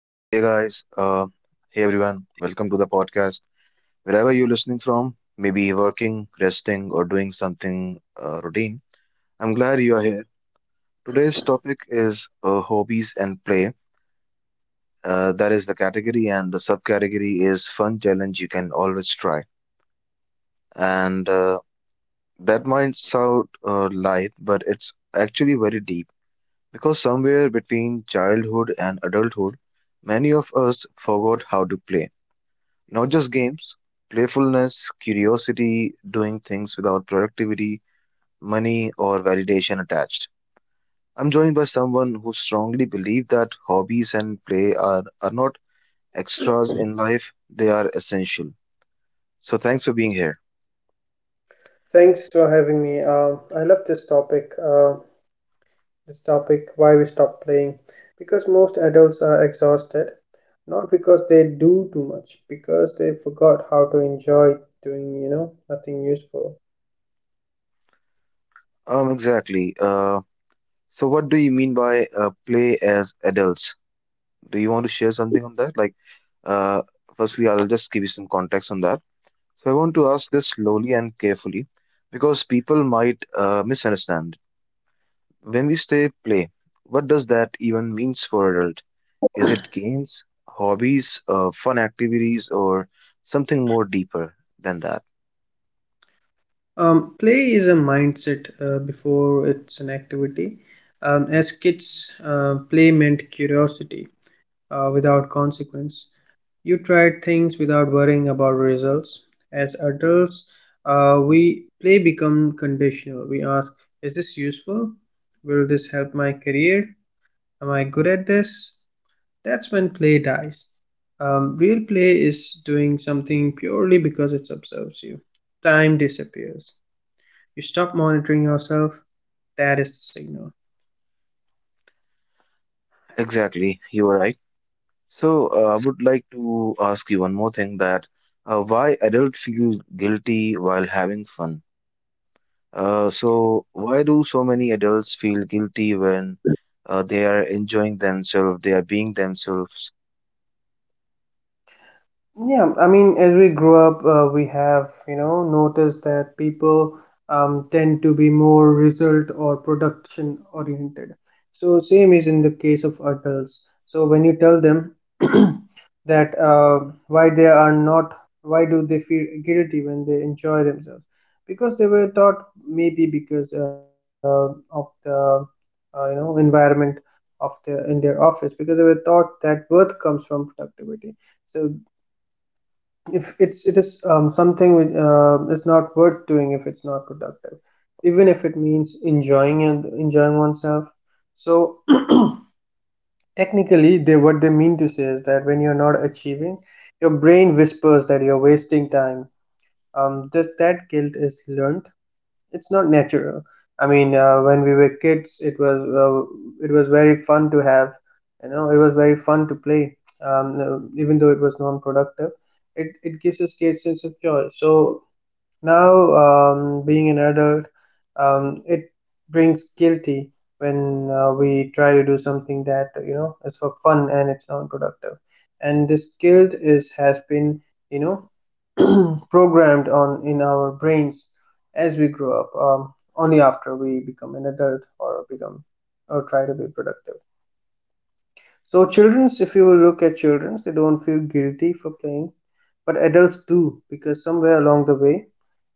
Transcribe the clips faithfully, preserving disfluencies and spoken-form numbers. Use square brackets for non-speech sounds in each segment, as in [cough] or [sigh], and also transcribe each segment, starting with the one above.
So, hey guys, uh, hey everyone, welcome to the podcast. Wherever you're listening from, maybe working, resting, or doing something uh, routine, I'm glad you are here. Today's topic is uh, hobbies and play. Uh, that is the category, and the subcategory is fun challenge you can always try. And uh, that might sound uh, light, but it's actually very deep because somewhere between childhood and adulthood, many of us forgot how to play. Not just games, playfulness, curiosity, doing things without productivity, money, or validation attached. I'm joined by someone who strongly believes that hobbies and play are, are not extras in life, they are essential. So thanks for being here. Thanks for having me. Uh, I love this topic. Uh, this topic, why we stop playing, because most adults are exhausted, not because they do too much, because they forgot how to enjoy doing, you know, nothing useful. Um, exactly. Uh, so what do you mean by uh, play as adults? Do you want to share something on that? Like, uh, firstly, I'll just give you some context on that. So I want to ask this slowly and carefully because people might uh, misunderstand. When we say play, what does that even means for adult? Is it games, hobbies, uh, fun activities, or something more deeper than that? Um, play is a mindset uh, before it's an activity. Um, as kids, uh, play meant curiosity uh, without consequence. You tried things without worrying about results. As adults, uh, we play become conditional. We ask, is this useful? Will this help my career? Am I good at this? That's when play dies. Um, real play is doing something purely because it observes you. Time disappears. You stop monitoring yourself. That is the signal. Exactly, you are right. So uh, I would like to ask you one more thing, that uh, why adult feel guilty while having fun? Uh, so why do so many adults feel guilty when uh, they are enjoying themselves, they are being themselves? Yeah, I mean, as we grow up, uh, we have, you know, noticed that people um, tend to be more result or production oriented. So same is in the case of adults. So when you tell them [clears throat] that uh, why they are not, why do they feel guilty when they enjoy themselves? Because they were taught, maybe because uh, of the uh, you know, environment of the in their office. Because they were taught that worth comes from productivity. So if it's it is um, something which uh, is not worth doing if it's not productive, even if it means enjoying and enjoying oneself. So [clears throat] technically, they what they mean to say is that when you're not achieving, your brain whispers that you're wasting time. Um this That guilt is learned; it's not natural. I mean, uh, when we were kids, it was uh, it was very fun to have. You know, it was very fun to play. Um, uh, even though it was non-productive, it it gives us great sense of joy. So now, um, being an adult, um, it brings guilty when uh, we try to do something that you know is for fun and it's non-productive. And this guilt is has been you know programmed on in our brains as we grow up, um, only after we become an adult, or become or try to be productive. So children's, if you will look at children's, they don't feel guilty for playing, but adults do, because somewhere along the way,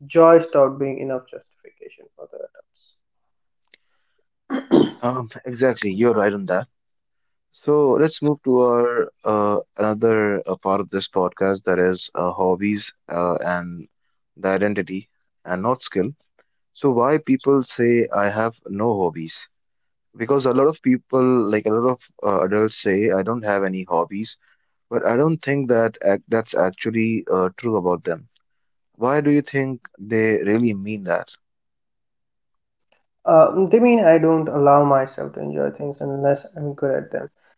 joy stopped being enough justification for the adults. Um, exactly, you're right on that. So let's move to our uh, another uh, part of this podcast, that is uh, hobbies uh, and the identity and not skill. So why people say I have no hobbies? Because a lot of people, like a lot of uh, adults, say I don't have any hobbies, but I don't think that ac that's actually uh, true about them. Why do you think they really mean that? Uh, they mean, I don't allow myself to enjoy things unless I'm good at them.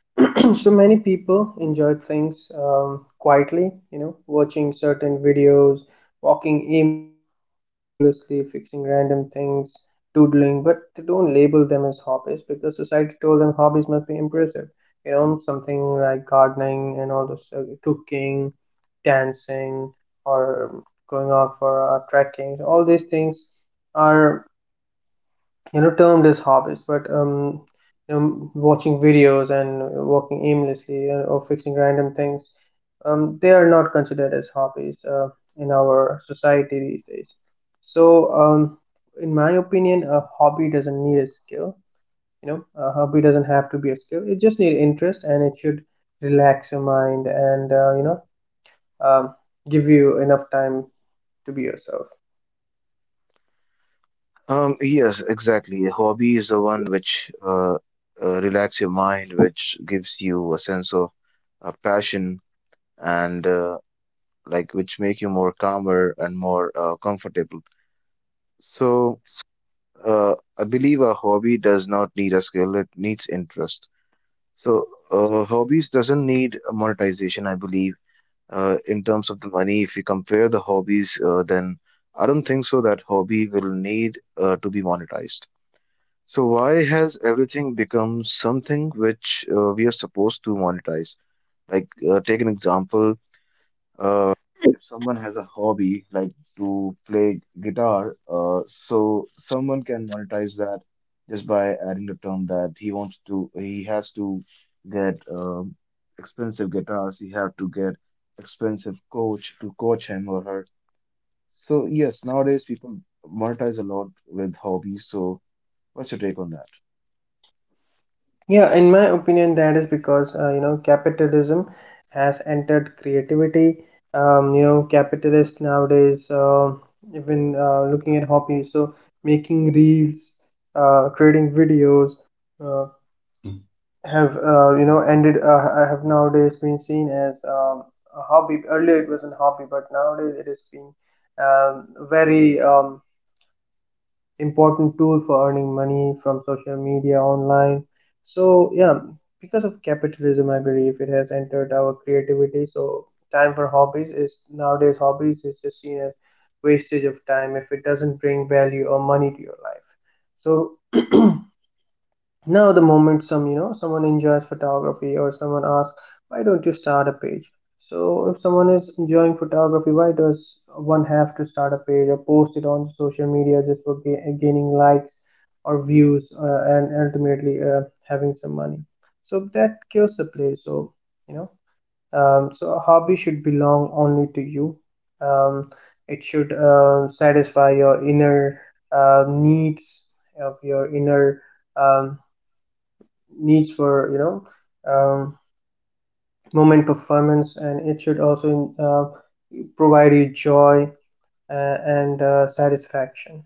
[clears throat] So many people enjoy things um, quietly, you know, watching certain videos, walking aimlessly, fixing random things, doodling, but they don't label them as hobbies because society told them hobbies must be impressive. You know, something like gardening, and all those uh, cooking, dancing, or going out for uh, trekking. So all these things are you know termed as hobbies, but um you know, watching videos and working aimlessly uh, or fixing random things, um, they are not considered as hobbies uh, in our society these days. So um, in my opinion, a hobby doesn't need a skill. You know a hobby doesn't have to be a skill; it just need interest, and it should relax your mind and uh, you know um, give you enough time to be yourself. Um, yes, exactly. A hobby is the one which uh, uh, relax your mind, which gives you a sense of uh, passion and uh, like which make you more calmer and more uh, comfortable. So uh, I believe a hobby does not need a skill; it needs interest. So uh, hobbies doesn't need monetization, I believe, uh, in terms of the money, if you compare the hobbies, uh, then I don't think so that hobby will need uh, to be monetized. So why has everything become something which uh, we are supposed to monetize? Like uh, take an example, uh, if someone has a hobby like to play guitar, uh, so someone can monetize that just by adding the term that he wants to, he has to get um, expensive guitars, he have to get expensive coach to coach him or her. So yes, nowadays people monetize a lot with hobbies. So what's your take on that? Yeah, in my opinion, that is because uh, you know capitalism has entered creativity. Um, you know, capitalists nowadays, um even uh, looking at hobbies, so making reels, uh, creating videos, uh, have uh, you know ended uh, have nowadays been seen as um, a hobby. Earlier it was a hobby, but nowadays it has been um, very um, important tool for earning money from social media online, so yeah. Because of capitalism, I believe it has entered our creativity. So time for hobbies is nowadays hobbies is just seen as wastage of time if it doesn't bring value or money to your life. So now, the moment some you know someone enjoys photography, or someone asks, why don't you start a page? So if someone is enjoying photography, why does one have to start a page or post it on social media just for ga- gaining likes or views, uh, and ultimately uh, having some money? So that kills the play. So you know um, so a hobby should belong only to you. um, it should uh, satisfy your inner uh, needs of your inner um, needs for you know um, moment performance, and it should also uh, provide you joy uh, and uh, satisfaction.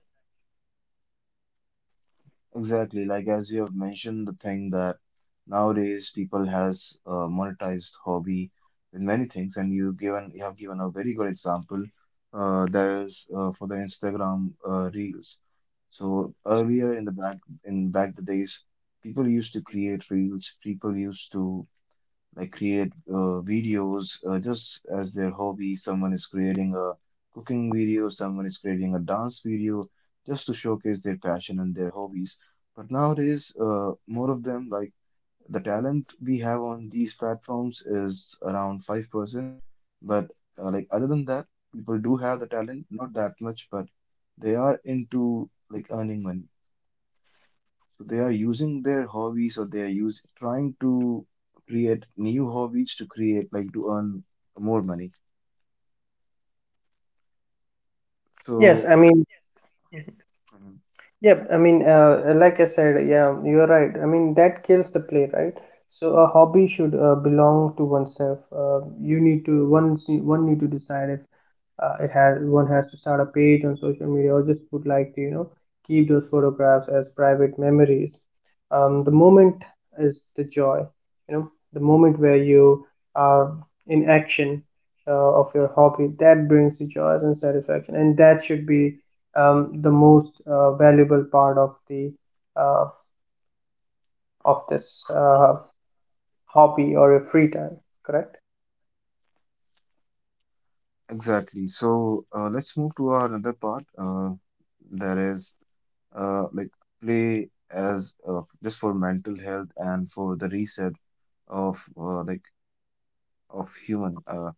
Exactly, like as you have mentioned, the thing that nowadays people has uh, monetized hobby with many things, and you given you have given a very good example. Uh, that is uh, for the Instagram uh, reels. So earlier in the back in back the days, people used to create reels. People used to like create uh, videos uh, just as their hobby. Someone is creating a cooking video, someone is creating a dance video just to showcase their passion and their hobbies. But nowadays, uh, more of them, like the talent we have on these platforms is around five percent. But uh, like other than that, people do have the talent, not that much, but they are into like earning money. So they are using their hobbies, or they are use trying to create new hobbies to create like to earn more money. Yes, So I mean. Mhm. Yep, I mean, uh, like I said, yeah, you're right. I mean, that kills the play, right? So a hobby should uh, belong to oneself. Uh, you need to one one need to decide if uh, it has one has to start a page on social media, or just would like to you know keep those photographs as private memories. Um, the moment is the joy. you know the moment where you are in action uh, of your hobby, that brings you joy and satisfaction, and that should be um, the most uh, valuable part of the, uh, of this uh, hobby, or your free time. Correct. exactly. So uh, let's move to our another part. Uh, that is uh, like play as uh, just for mental health and for the reset of uh, like of human. Uh,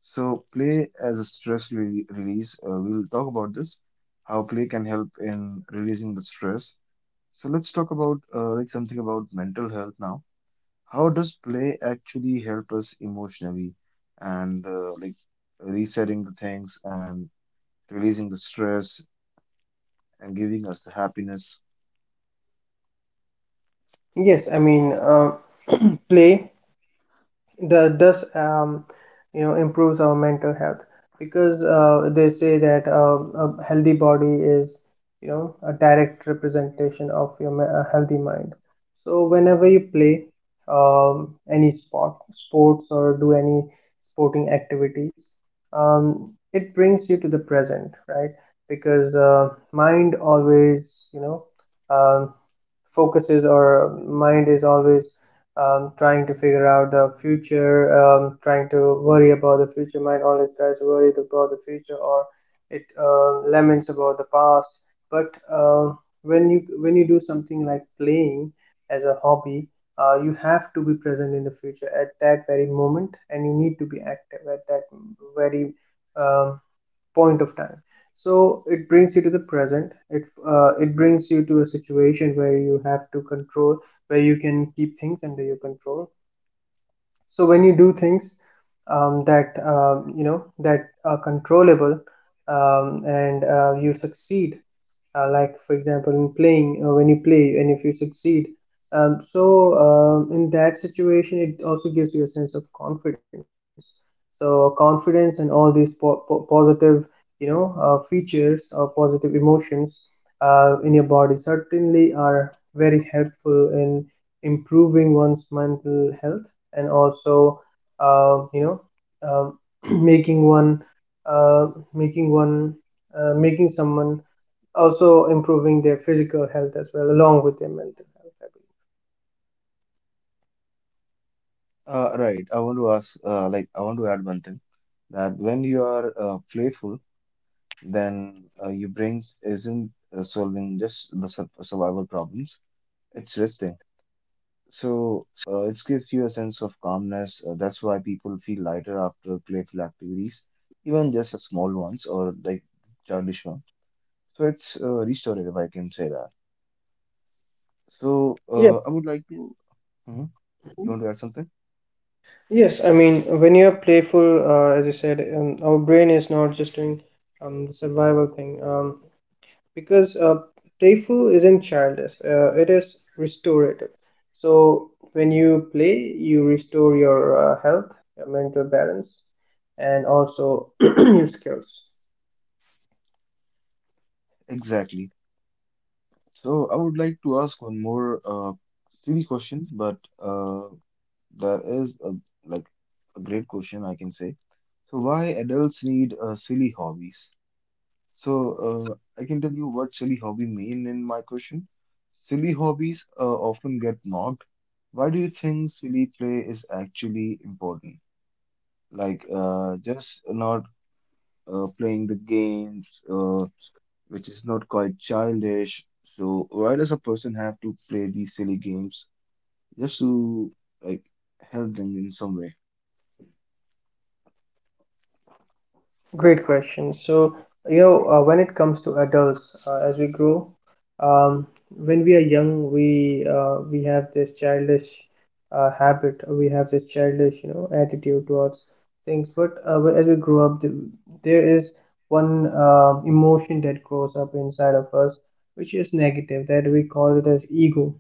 so play as a stress re release. Uh, we'll talk about this. How play can help in releasing the stress. So let's talk about uh, like something about mental health now. How does play actually help us emotionally and uh, like resetting the things and releasing the stress and giving us the happiness? Yes, I mean, uh, play that does um, you know improves our mental health, because uh, they say that um, a healthy body is you know a direct representation of your me- a healthy mind. So whenever you play um, any sport sports or do any sporting activities, um, it brings you to the present, right? Because uh, mind always you know um, focuses, or mind is always um, trying to figure out the future, um, trying to worry about the future. Mind always tries to worry about the future, or it uh, laments about the past. But uh, when you when you do something like playing as a hobby, uh, you have to be present in the future at that very moment, and you need to be active at that very um, point of time. So it brings you to the present. It uh, it brings you to a situation where you have to control, where you can keep things under your control. So when you do things um, that um, you know that are controllable, um, and uh, you succeed, uh, like for example in playing, uh, when you play and if you succeed, um, so um, in that situation, it also gives you a sense of confidence. So confidence and all these po- po- positive, you know uh, features, or positive emotions uh, in your body, certainly are very helpful in improving one's mental health, and also uh, you know um, [clears throat] making one uh, making one uh, making someone also improving their physical health as well along with their mental health, I believe. Uh, right. I want to ask, uh, like, I want to add one thing that when you are uh, playful, then uh, your brain isn't uh, solving just the sur- survival problems. It's resting. So uh, it gives you a sense of calmness. Uh, that's why people feel lighter after playful activities, even just a small ones or like childish one. So it's uh, restorative, I can say that. So uh, I would like to. Mhm. Yeah. You want to add something? Yes, I mean, when you're playful, uh, as you said, um, our brain is not just doing um, the survival thing, um, because uh, playful isn't childish; uh, it is restorative. So when you play, you restore your uh, health, your mental balance, and also [clears throat] your skills. Exactly. So I would like to ask one more uh, silly question, but uh, that is a, like a great question, I can say. So why adults need uh, silly hobbies? So, uh, I can tell you what silly hobby mean in my question. Silly hobbies uh, often get mocked. Why do you think silly play is actually important? Like, uh, just not uh, playing the games, uh, which is not quite childish. So, why does a person have to play these silly games just to like help them in some way? Great question. So, you know, uh, when it comes to adults, uh, as we grow, um, when we are young, we uh, we have this childish uh, habit, or we have this childish, you know, attitude towards things. But uh, wh- as we grow up, th- there is one um emotion that grows up inside of us, which is negative, that we call it as ego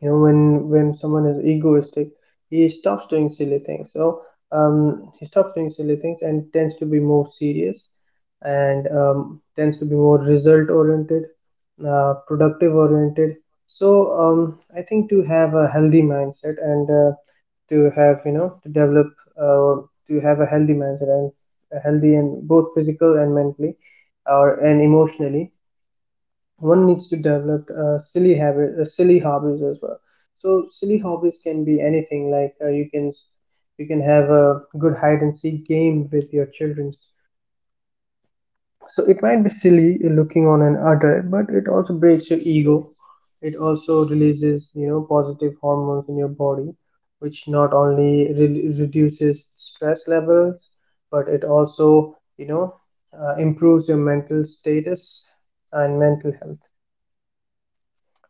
you know when when someone is egoistic, he stops doing silly things. So um, he stops doing silly things and tends to be more serious, and um, tends to be more result oriented, uh, productive oriented. So um, I think to have a healthy mindset, and uh, to have you know to develop uh, to have a healthy mindset, and a healthy, and both physical and mentally, or and emotionally, one needs to develop uh, silly habit, uh, silly hobbies as well. So silly hobbies can be anything. Like uh, you can you can have a good hide and seek game with your children. So it might be silly looking on an adult, but it also breaks your ego. It also releases you know positive hormones in your body, which not only re- reduces stress levels, but it also you know uh, improves your mental status and mental health.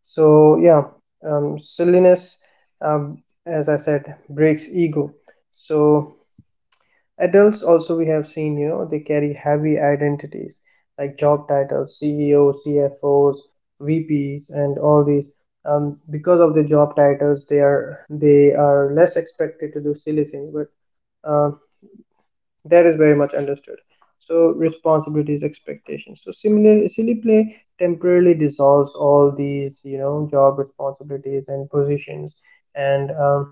so yeah um, silliness um, as i said breaks ego. So adults also, we have seen, you know, they carry heavy identities like job titles, CEO, CFOs, VPs, and all these. Um, because of the job titles, they are they are less expected to do silly things, but uh, that is very much understood. So responsibilities, expectations, so similar silly play temporarily dissolves all these, you know, job responsibilities and positions. and um,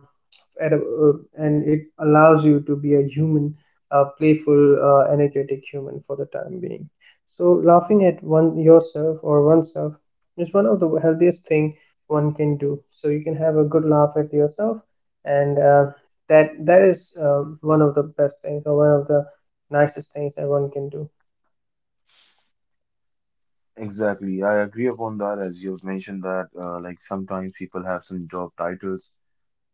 at a, uh, and it allows you to be a human, a playful, uh, energetic human for the time being. So laughing at one yourself or oneself is one of the healthiest thing one can do. So you can have a good laugh at yourself, and uh, that that is um, one of the best things or one of the nicest things that one can do. Exactly. I agree upon that, as you have mentioned, that uh, like sometimes people have some job titles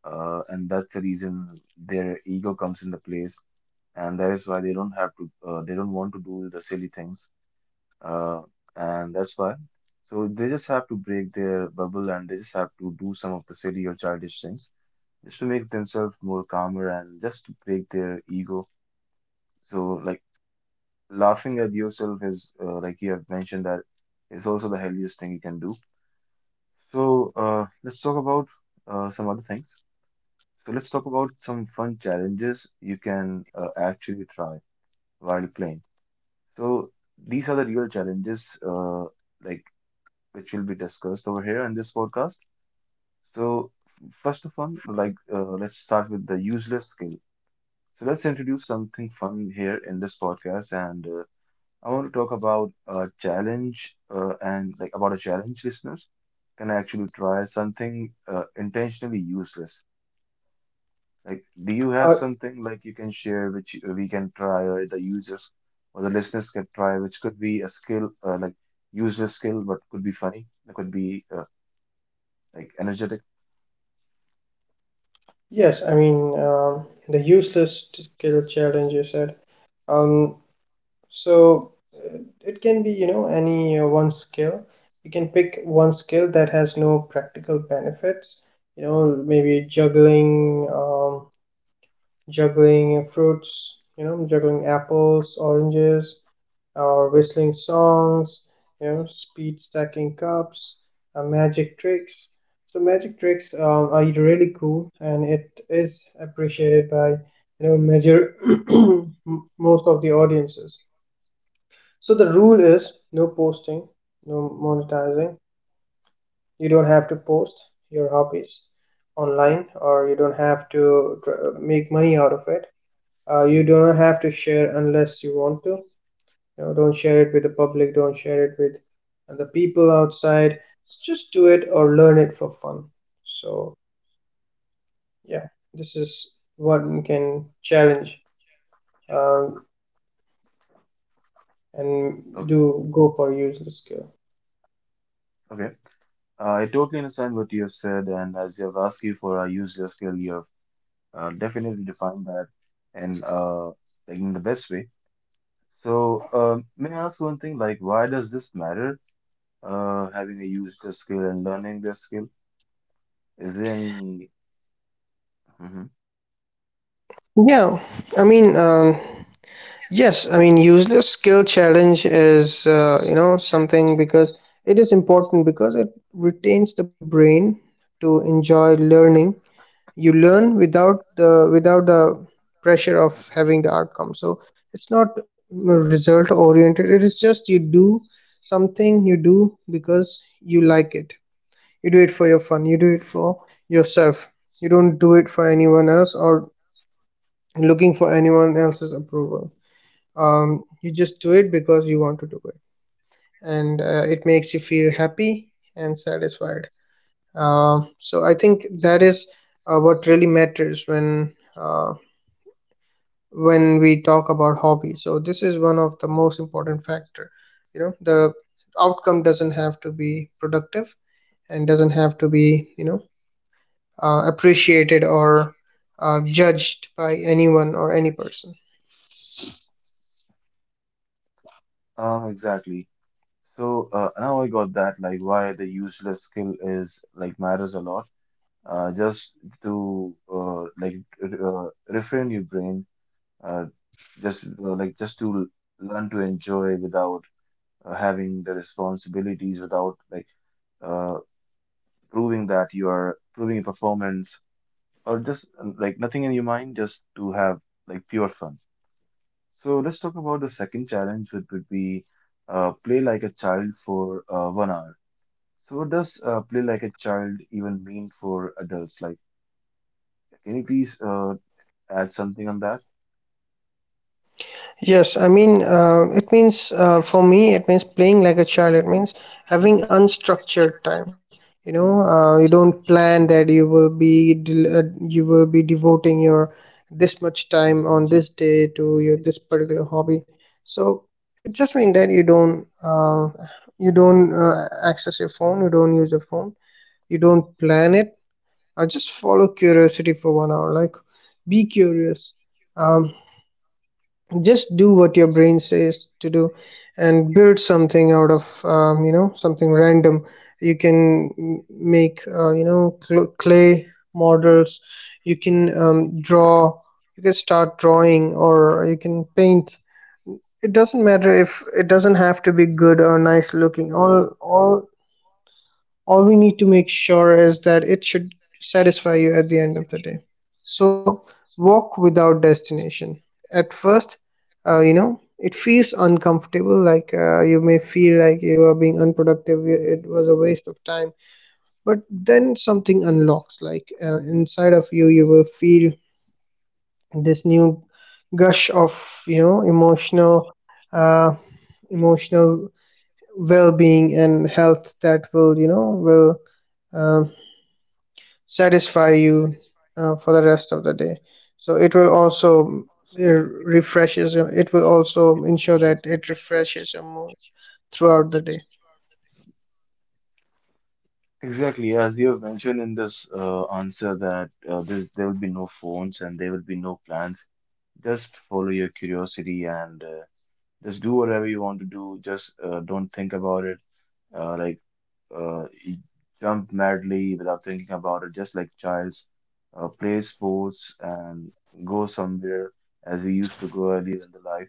uh, and that's the reason their ego comes into place, and that is why they don't have to, uh, they don't want to do the silly things, uh, and that's why. So they just have to break their bubble, and they just have to do some of the silly or childish things, just to make themselves more calmer and just to break their ego. So like laughing at yourself is, uh, like you have mentioned, that is also the healthiest thing you can do. So uh, let's talk about uh, some other things. So let's talk about some fun challenges you can uh, actually try while playing. So these are the real challenges, uh, like which will be discussed over here in this podcast. So f- first of all, like uh, let's start with the useless skill. So let's introduce something fun here in this podcast, and uh, I want to talk about a challenge uh, and like about a challenge listeners can actually try, something uh, intentionally useless. Like, do you have uh, something like you can share which you- we can try, or the users or the listeners can try, which could be a skill, uh, like user skill, but could be funny, it could be uh, like energetic. yes, I mean, um, the useless skill challenge, you said. Um, so uh, it can be, you know, any uh, one skill. You can pick one skill that has no practical benefits. You know, maybe juggling, um, juggling fruits, you know, juggling apples, oranges, or whistling songs, you know, speed stacking cups, uh, magic tricks. So magic tricks um, are really cool, and it is appreciated by, you know major [coughs] [clears throat] most of the audiences. So the rule is no posting, no monetizing. You don't have to post your hobbies online, or you don't have to tr- make money out of it. Uh, you don't have to share unless you want to. You know, don't share it with the public, don't share it with the people outside. Just do it or learn it for fun. So yeah, this is what we can challenge, um, and Okay, do go for useless skill. okay. Uh, I totally understand what you have said, and as you have asked you for a user skill, you have uh, definitely defined that and uh, like in the best way. So, um, may I ask one thing? Like, why does this matter? Uh, having a user skill and learning this skill? Is there any? Mm-hmm. Yeah, I mean, um, yes, I mean, useless skill challenge is, uh, you know, something, because it is important because it retains the brain to enjoy learning. You learn without the without the pressure of having the outcome. So it's not result oriented. It is just you do something, you do because you like it. You do it for your fun, you do it for yourself. You don't do it for anyone else or looking for anyone else's approval. Um, you just do it because you want to do it, and uh, it makes you feel happy and satisfied. Um so I think that is, uh, what really matters when, uh, when we talk about hobby. So this is one of the most important factor. You know, the outcome doesn't have to be productive, and doesn't have to be, you know, uh, appreciated or uh, judged by anyone or any person. Um, exactly. So uh, now I got that, like why the useless skill is like matters a lot. Uh, just to uh, like r- uh, refrain your brain, uh, just uh, like just to learn to enjoy without uh, having the responsibilities, without like uh, proving that you are proving your performance, or just uh, like nothing in your mind, just to have like pure fun. So let's talk about the second challenge, which would be uh, play like a child for uh, one hour. So what does uh, play like a child even mean for adults? Like, can you please uh, add something on that? Yes, I mean, uh, it means, uh, for me, it means playing like a child. It means having unstructured time. You know, uh, you don't plan that you will be del- uh, you will be devoting your this much time on this day to your this particular hobby. So it just means that you don't, uh, you don't uh, access your phone. You don't use your phone. You don't plan it. Uh, just follow curiosity for one hour. Like, be curious. Um, just do what your brain says to do, and build something out of, um, you know, something random. You can m- make, uh, you know, cl- clay models. You can um, draw, you can start drawing, or you can paint. It doesn't matter if it doesn't have to be good or nice looking. All all all we need to make sure is that it should satisfy you at the end of the day. So walk without destination. At first, uh, you know, it feels uncomfortable. Like, uh, you may feel like you are being unproductive, you- it was a waste of time. But then something unlocks, like, uh, inside of you, you will feel this new gush of, you know, emotional, uh, emotional well-being and health that will, you know, will um, satisfy you uh, for the rest of the day. So it will also, uh, refreshes your it will also ensure that it refreshes your mood throughout the day. Exactly, as you have mentioned in this uh, answer, that uh, there there will be no phones and there will be no plans. Just follow your curiosity and uh, just do whatever you want to do. Just uh, don't think about it. Uh, like uh, he jumped madly without thinking about it, just like childs, uh, play sports and go somewhere as we used to go earlier in the life.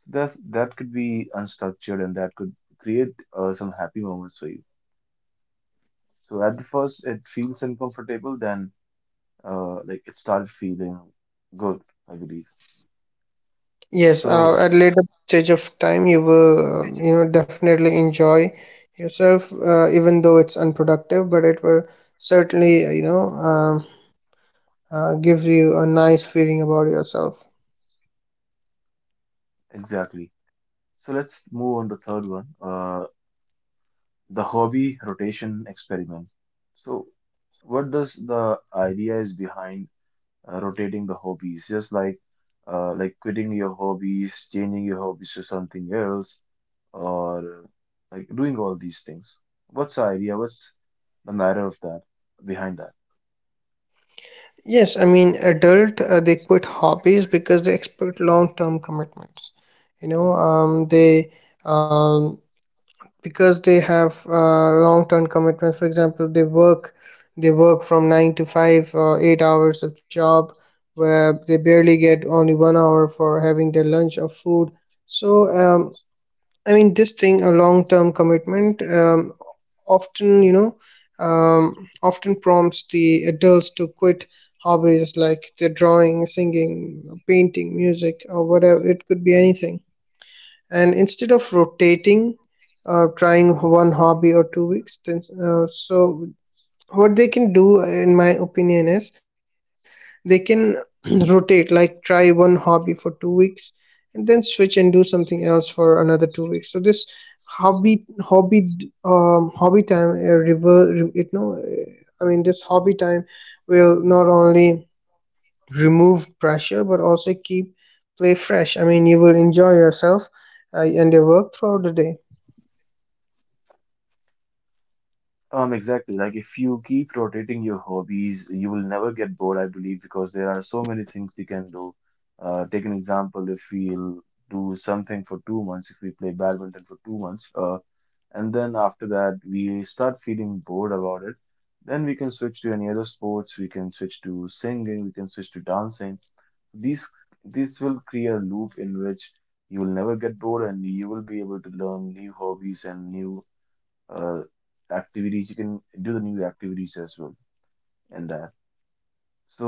So that's, that could be unstructured and that could create uh, some happy moments for you. So at the first, it feels uncomfortable, then uh, like it starts feeling good, I believe. Yes, uh, So at later stage of time you will, uh, you know, definitely enjoy yourself, uh, even though it's unproductive, but it will certainly, uh, you know um, uh, gives you a nice feeling about yourself. exactly. So let's move on the third one. Uh, the hobby rotation experiment. So, what does the idea is behind uh, rotating the hobbies? Just like uh, like quitting your hobbies, changing your hobbies to something else, or uh, like doing all these things. What's the idea? What's the matter of that behind that? Yes, I mean, adult, uh, they quit hobbies because they expect long-term commitments. You know, um, they um, because they have, uh, long-term commitments. For example, they work they work from nine to five or eight hours of job, where they barely get only one hour for having their lunch of food. So um, I mean, this thing, a long-term commitment, um, often, you know, um, often prompts the adults to quit hobbies like their drawing, singing, painting, music, or whatever. It could be anything. And instead of rotating, uh, trying one hobby or two weeks, then uh, so what they can do in my opinion is they can [clears throat] rotate, like try one hobby for two weeks and then switch and do something else for another two weeks. So this hobby hobby d- um hobby time uh, rever re- you know uh, I mean this hobby time will not only remove pressure but also keep play fresh. I mean, you will enjoy yourself, uh, and your work throughout the day. Um, exactly. Like if you keep rotating your hobbies, you will never get bored, I believe, because there are so many things we can do. Uh, take an example, if we'll do something for two months, if we play badminton for two months, uh, and then after that we start feeling bored about it, then we can switch to any other sports, we can switch to singing, we can switch to dancing. These This will create a loop in which you will never get bored, and you will be able to learn new hobbies and new uh, activities, you can do the new activities as well, and that. So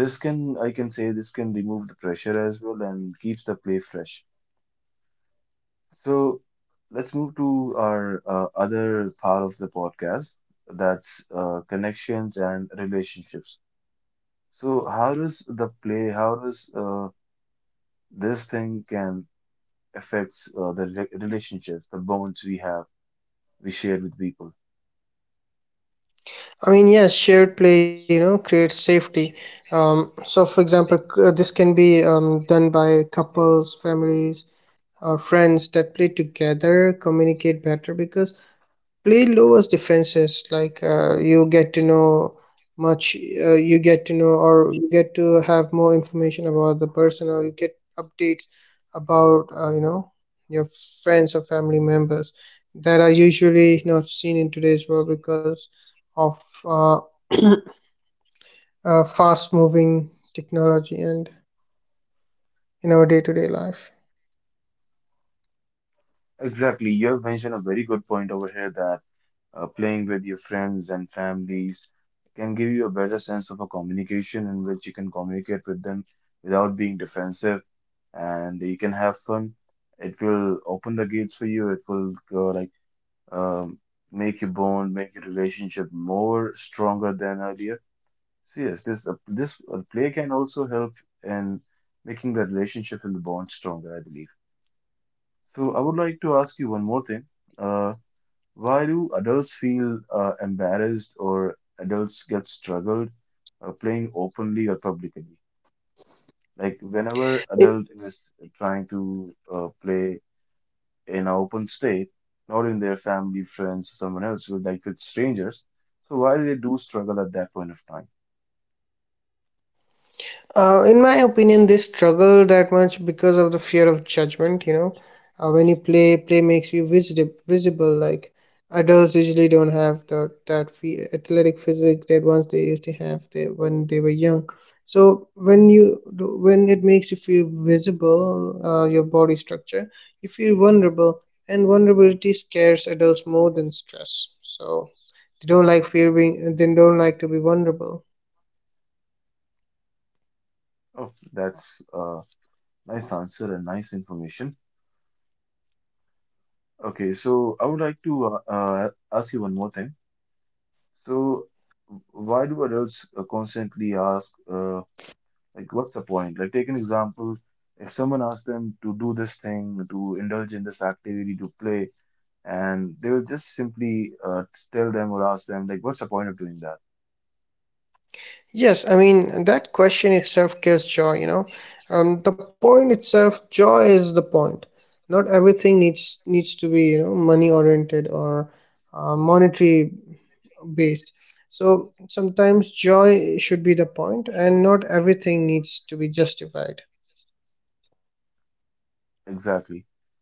this can, I can say this can remove the pressure as well and keeps the play fresh. So let's move to our uh, other part of the podcast, that's uh, connections and relationships. So how does the play, how does uh, this thing can affects uh, the re- relationships, the bonds we have, we share with people. I mean, yes, shared play, you know, creates safety. Um, so, for example, c- uh, this can be, um, done by couples, families, or friends that play together, communicate better because play lowers defenses. Like, uh, you get to know much, uh, you get to know, or you get to have more information about the person, or you get updates about, uh, you know, your friends or family members that are usually not seen in today's world because of, uh, uh, fast moving technology and in our day to day life. Exactly, you have mentioned a very good point over here that uh, playing with your friends and families can give you a better sense of a communication in which you can communicate with them without being defensive, and you can have fun. It will open the gates for you. It will go like um, make your bond, make your relationship more stronger than earlier. So yes, this uh, this uh, play can also help in making the relationship and the bond stronger, I believe. So I would like to ask you one more thing. Uh. Why do adults feel uh, embarrassed, or adults get struggled uh, playing openly or publicly? Like whenever adult is trying to uh, play in an open state, not in their family, friends, or someone else, with like with strangers. So why they do struggle at that point of time? Uh, in my opinion, they struggle that much because of the fear of judgment. You know, uh, when you play, play makes you visible. Visible, like adults usually don't have the, that fe- athletic physique that once they used to have they, when they were young. So when you do- when it makes you feel visible, uh, your body structure, you feel vulnerable, and vulnerability scares adults more than stress. So they don't like feeling. They don't like to be vulnerable. Oh, that's a nice answer and nice information. Okay, so I would like to uh, uh, ask you one more thing. So why do adults uh, constantly ask? Uh, Like, what's the point? Like, take an example. If someone asks them to do this thing, to indulge in this activity, to play, and they will just simply uh, tell them or ask them, like, what's the point of doing that? Yes, I mean, that question itself gives joy, you know. Um, the point itself, joy is the point. Not everything needs needs to be, you know, money oriented or uh, monetary based. So sometimes joy should be the point, and not everything needs to be justified. Exactly.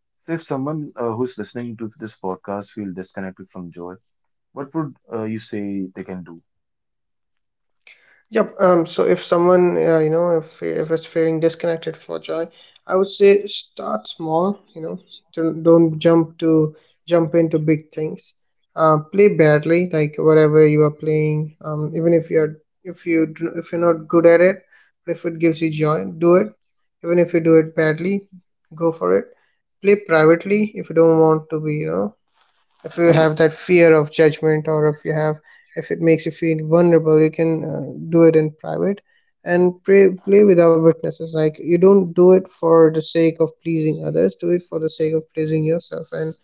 So, if someone uh, who's listening to this podcast feel disconnected from joy, what would uh, you say they can do? Yep. Um. So if someone, uh, you know, if if it's feeling disconnected for joy, I would say start small. You know, don't don't jump to jump into big things. Uh, play badly, like whatever you are playing. Um, even if you're, if you do- if you're not good at it, but if it gives you joy, do it. Even if you do it badly, go for it. Play privately if you don't want to be, you know, if you have that fear of judgment, or if you have, if it makes you feel vulnerable, you can uh, do it in private. And pray, play without witnesses. Like, you don't do it for the sake of pleasing others, do it for the sake of pleasing yourself, and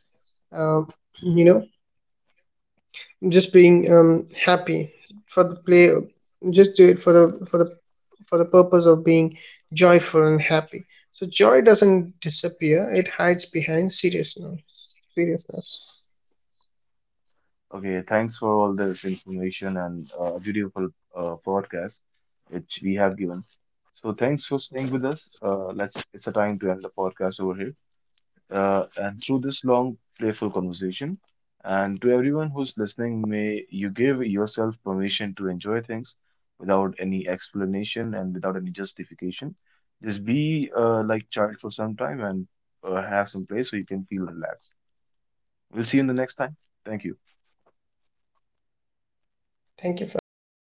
um, you know, just being um, happy for the play. Just do it for the for the for the purpose of being joyful and happy. So joy doesn't disappear, it hides behind seriousness. seriousness Okay, thanks for all this information and uh, beautiful uh, podcast which we have given. So, thanks for staying with us. Uh, let's. It's a time to end the podcast over here, uh, and through this long, playful conversation. And to everyone who's listening, may you give yourself permission to enjoy things without any explanation and without any justification. Just be uh, like child for some time and uh, have some place where you can feel relaxed. We'll see you in the next time. Thank you. Thank you for having me.